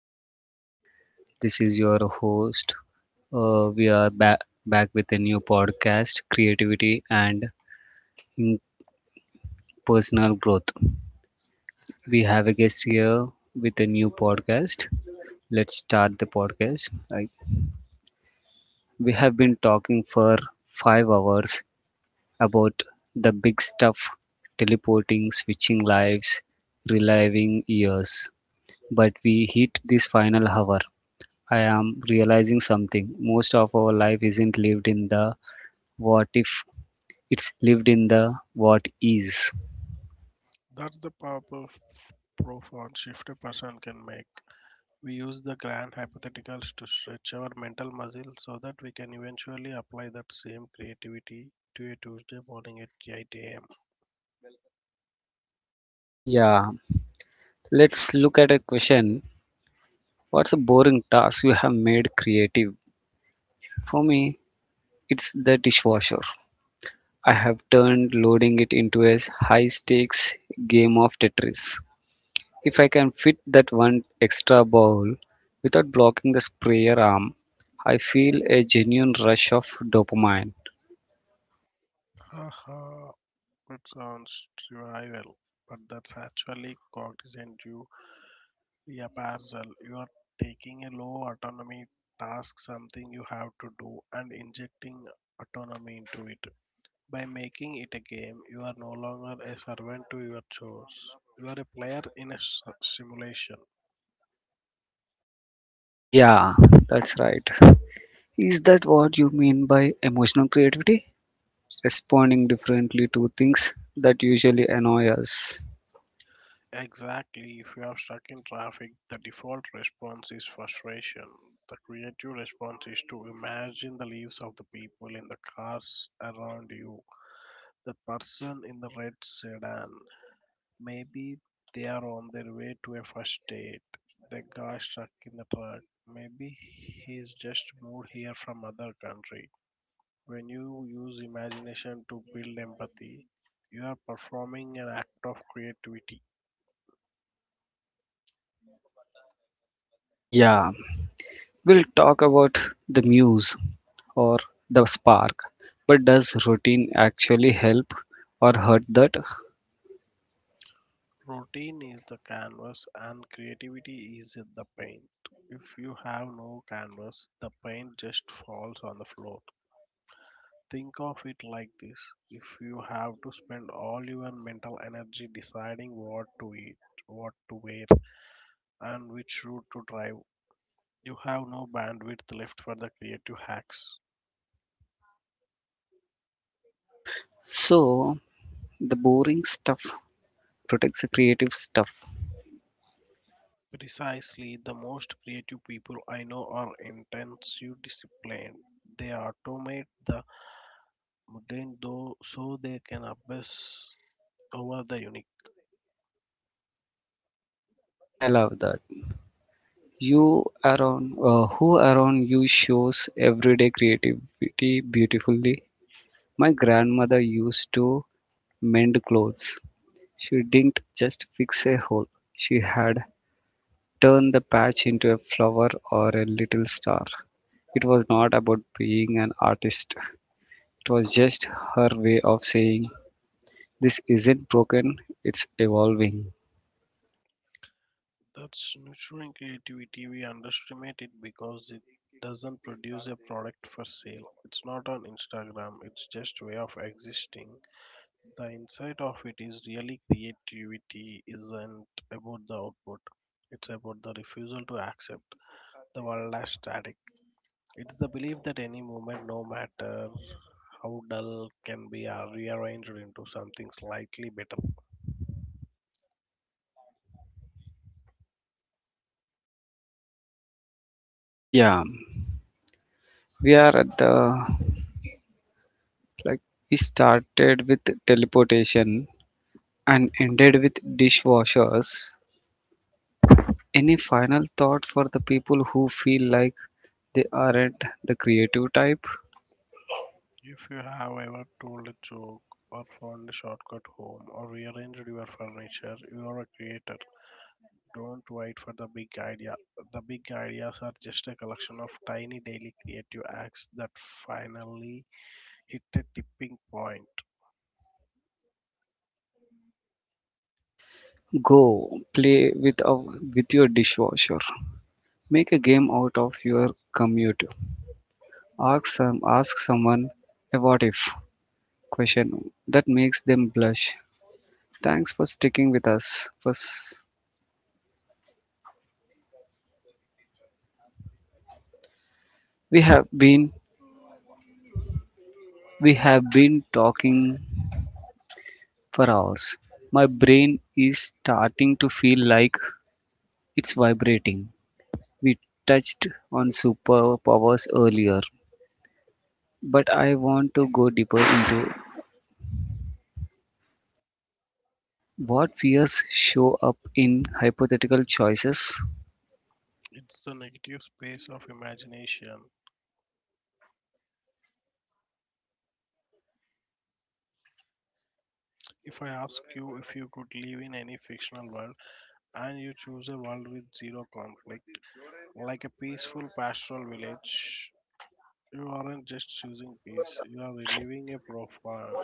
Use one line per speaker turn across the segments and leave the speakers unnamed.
Hi. This is your host. We are back with a new podcast, creativity and in personal growth. We have a guest here with a new podcast. Let's start the podcast. We have been talking for 5 hours about the big stuff: teleporting, switching lives, reliving years. But we hit this final hour I am realizing something. Most of our life isn't lived in the what if, it's lived in the what is.
That's the powerful, profound shift a person can make. We use the grand hypotheticals to stretch our mental muscle so that we can eventually apply that same creativity to a Tuesday morning at 8 a.m.
Yeah, let's look at a question. What's a boring task you have made creative? For me, it's the dishwasher. I have turned loading it into a high stakes game of Tetris. If I can fit that one extra bowl without blocking the sprayer arm, I feel a genuine rush of dopamine.
Haha, it sounds trivial, but that's actually cognizant you reappraisal. You are taking a low autonomy task, something you have to do, and injecting autonomy into it. By making it a game, you are no longer a servant to your chores. You are a player in a simulation.
Yeah, that's right. Is that what you mean by emotional creativity? Responding differently to things that usually annoy us.
Exactly, if you are stuck in traffic, the default response is frustration. The creative response is to imagine the lives of the people in the cars around you. The person in the red sedan, maybe they are on their way to a first date. The guy stuck in the truck, maybe he's just moved here from other country. When you use imagination to build empathy, you are performing an act of creativity.
Yeah, we'll talk about the muse or the spark. But does routine actually help or hurt that?
Routine is the canvas and creativity is the paint. If you have no canvas, the paint just falls on the floor. Think of it like this: if you have to spend all your mental energy deciding what to eat, what to wear, and which route to drive, you have no bandwidth left for the creative hacks.
So, the boring stuff protects the creative stuff.
Precisely, the most creative people I know are intensely disciplined. They automate the mundane though so they can obsess over the unique.
I love that. You around who around you shows everyday creativity beautifully? My grandmother used to mend clothes. She didn't just fix a hole. She had turned the patch into a flower or a little star. It was not about being an artist. It was just her way of saying, this isn't broken, it's evolving.
That's nurturing creativity. We underestimate it because it doesn't produce a product for sale. It's not on Instagram. It's just way of existing. The insight of it is really creativity isn't about the output. It's about the refusal to accept the world as static. It's the belief that any movement, no matter how dull, can be rearranged into something slightly better.
Yeah, we are at the like we started with teleportation and ended with dishwashers. Any final thought for the people who feel like they aren't the creative type?
If you have ever told a joke or found a shortcut home or rearranged your furniture, you are a creator. Don't wait for the big idea. The big ideas are just a collection of tiny daily creative acts that finally hit a tipping point.
Go play with with your dishwasher. Make a game out of your commute. Ask someone a what if question that makes them blush. Thanks for sticking with us. First, we have been we have been talking for hours. My brain is starting to feel like it's vibrating. We touched on superpowers earlier, but I want to go deeper into what fears show up in hypothetical choices.
It's the negative space of imagination. If I ask you if you could live in any fictional world, and you choose a world with zero conflict, like a peaceful pastoral village. You aren't just choosing peace, you are relieving a profound.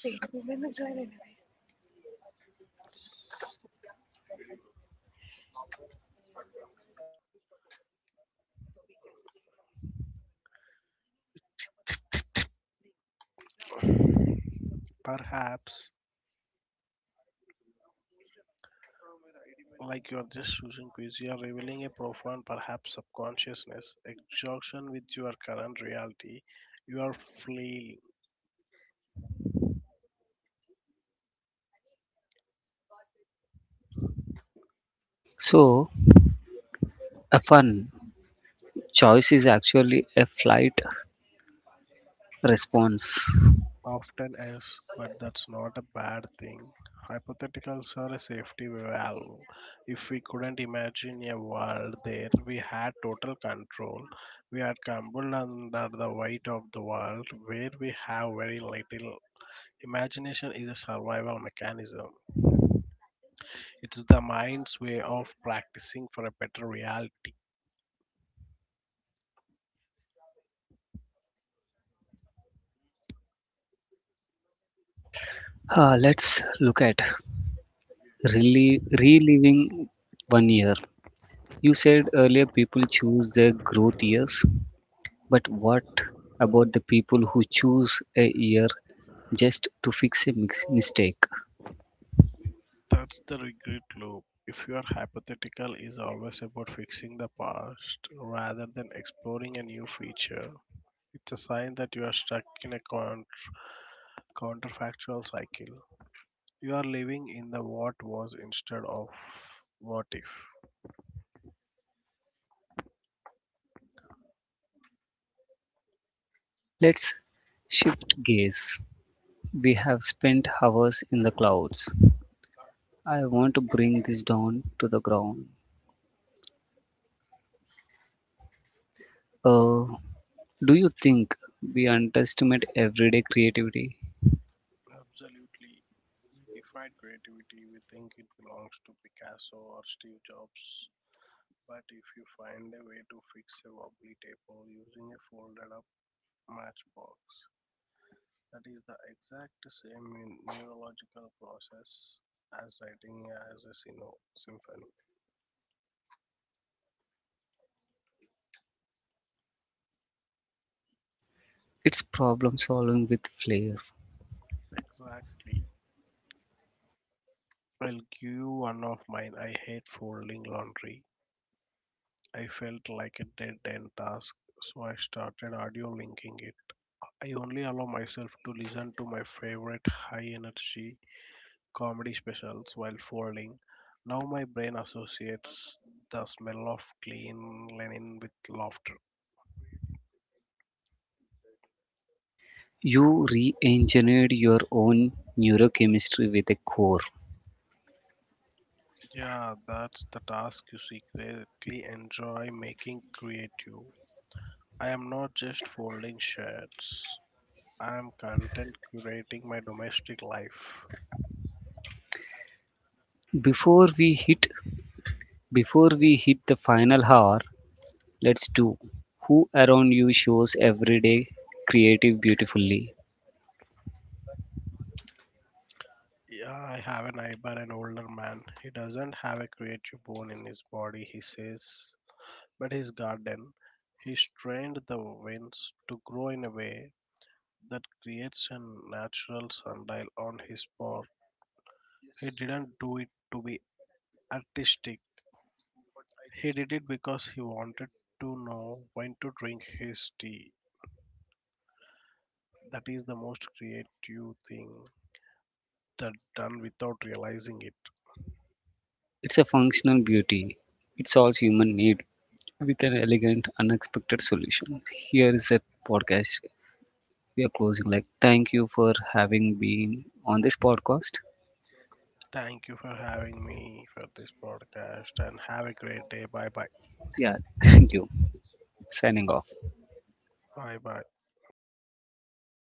对，我们能石来的。
perhaps, like you are just choosing peace, you are revealing a profound, perhaps subconsciousness, exhaustion with your current reality. You are flailing.
So, a fun choice is actually a flight response.
Often is, but that's not a bad thing. Hypotheticals are a safety valve. If we couldn't imagine a world there we had total control, we are crumbled under the weight of the world where we have very little. Imagination is a survival mechanism. It's the mind's way of practicing for a better reality.
Let's look at really reliving one year. You said earlier people choose their growth years, but what about the people who choose a year just to fix a mistake?
That's the regret loop. If your hypothetical is always about fixing the past rather than exploring a new future, it's a sign that you are stuck in a counterfactual cycle. You are living in the what was instead of what if.
Let's shift gaze. We have spent hours in the clouds. I want to bring this down to the ground. Uh, do you think we underestimate everyday creativity?
Absolutely. We define creativity, we think it belongs to Picasso or Steve Jobs. But if you find a way to fix a wobbly table using a folded up matchbox, that is the exact same in neurological process as writing as a symphony.
It's problem solving with flair.
Exactly. I'll give you one of mine. I hate folding laundry. I felt like a dead end task, so I started audio linking it. I only allow myself to listen to my favorite high energy comedy specials while folding. Now my brain associates the smell of clean linen with laughter.
You re engineered your own neurochemistry with a core.
Yeah, that's the task you secretly enjoy making creative. I am not just folding shirts. I'm content curating my domestic life.
Before we hit before we hit the final hour, let's do who around you shows everyday creative beautifully.
Yeah, I have a neighbor, an older man. He doesn't have a creative bone in his body, he says, but his garden, he's trained the winds to grow in a way that creates a natural sundial on his pot. He didn't do it to be artistic, he did it because he wanted to know when to drink his tea. That is the most creative thing that done without realizing it.
It's a functional beauty. It solves human need with an elegant, unexpected solution. Here is a podcast we are closing. Like, thank you for having been on this podcast.
Thank you for having me for this podcast and have a great day. Bye bye.
Yeah, thank you. Signing off.
Bye bye.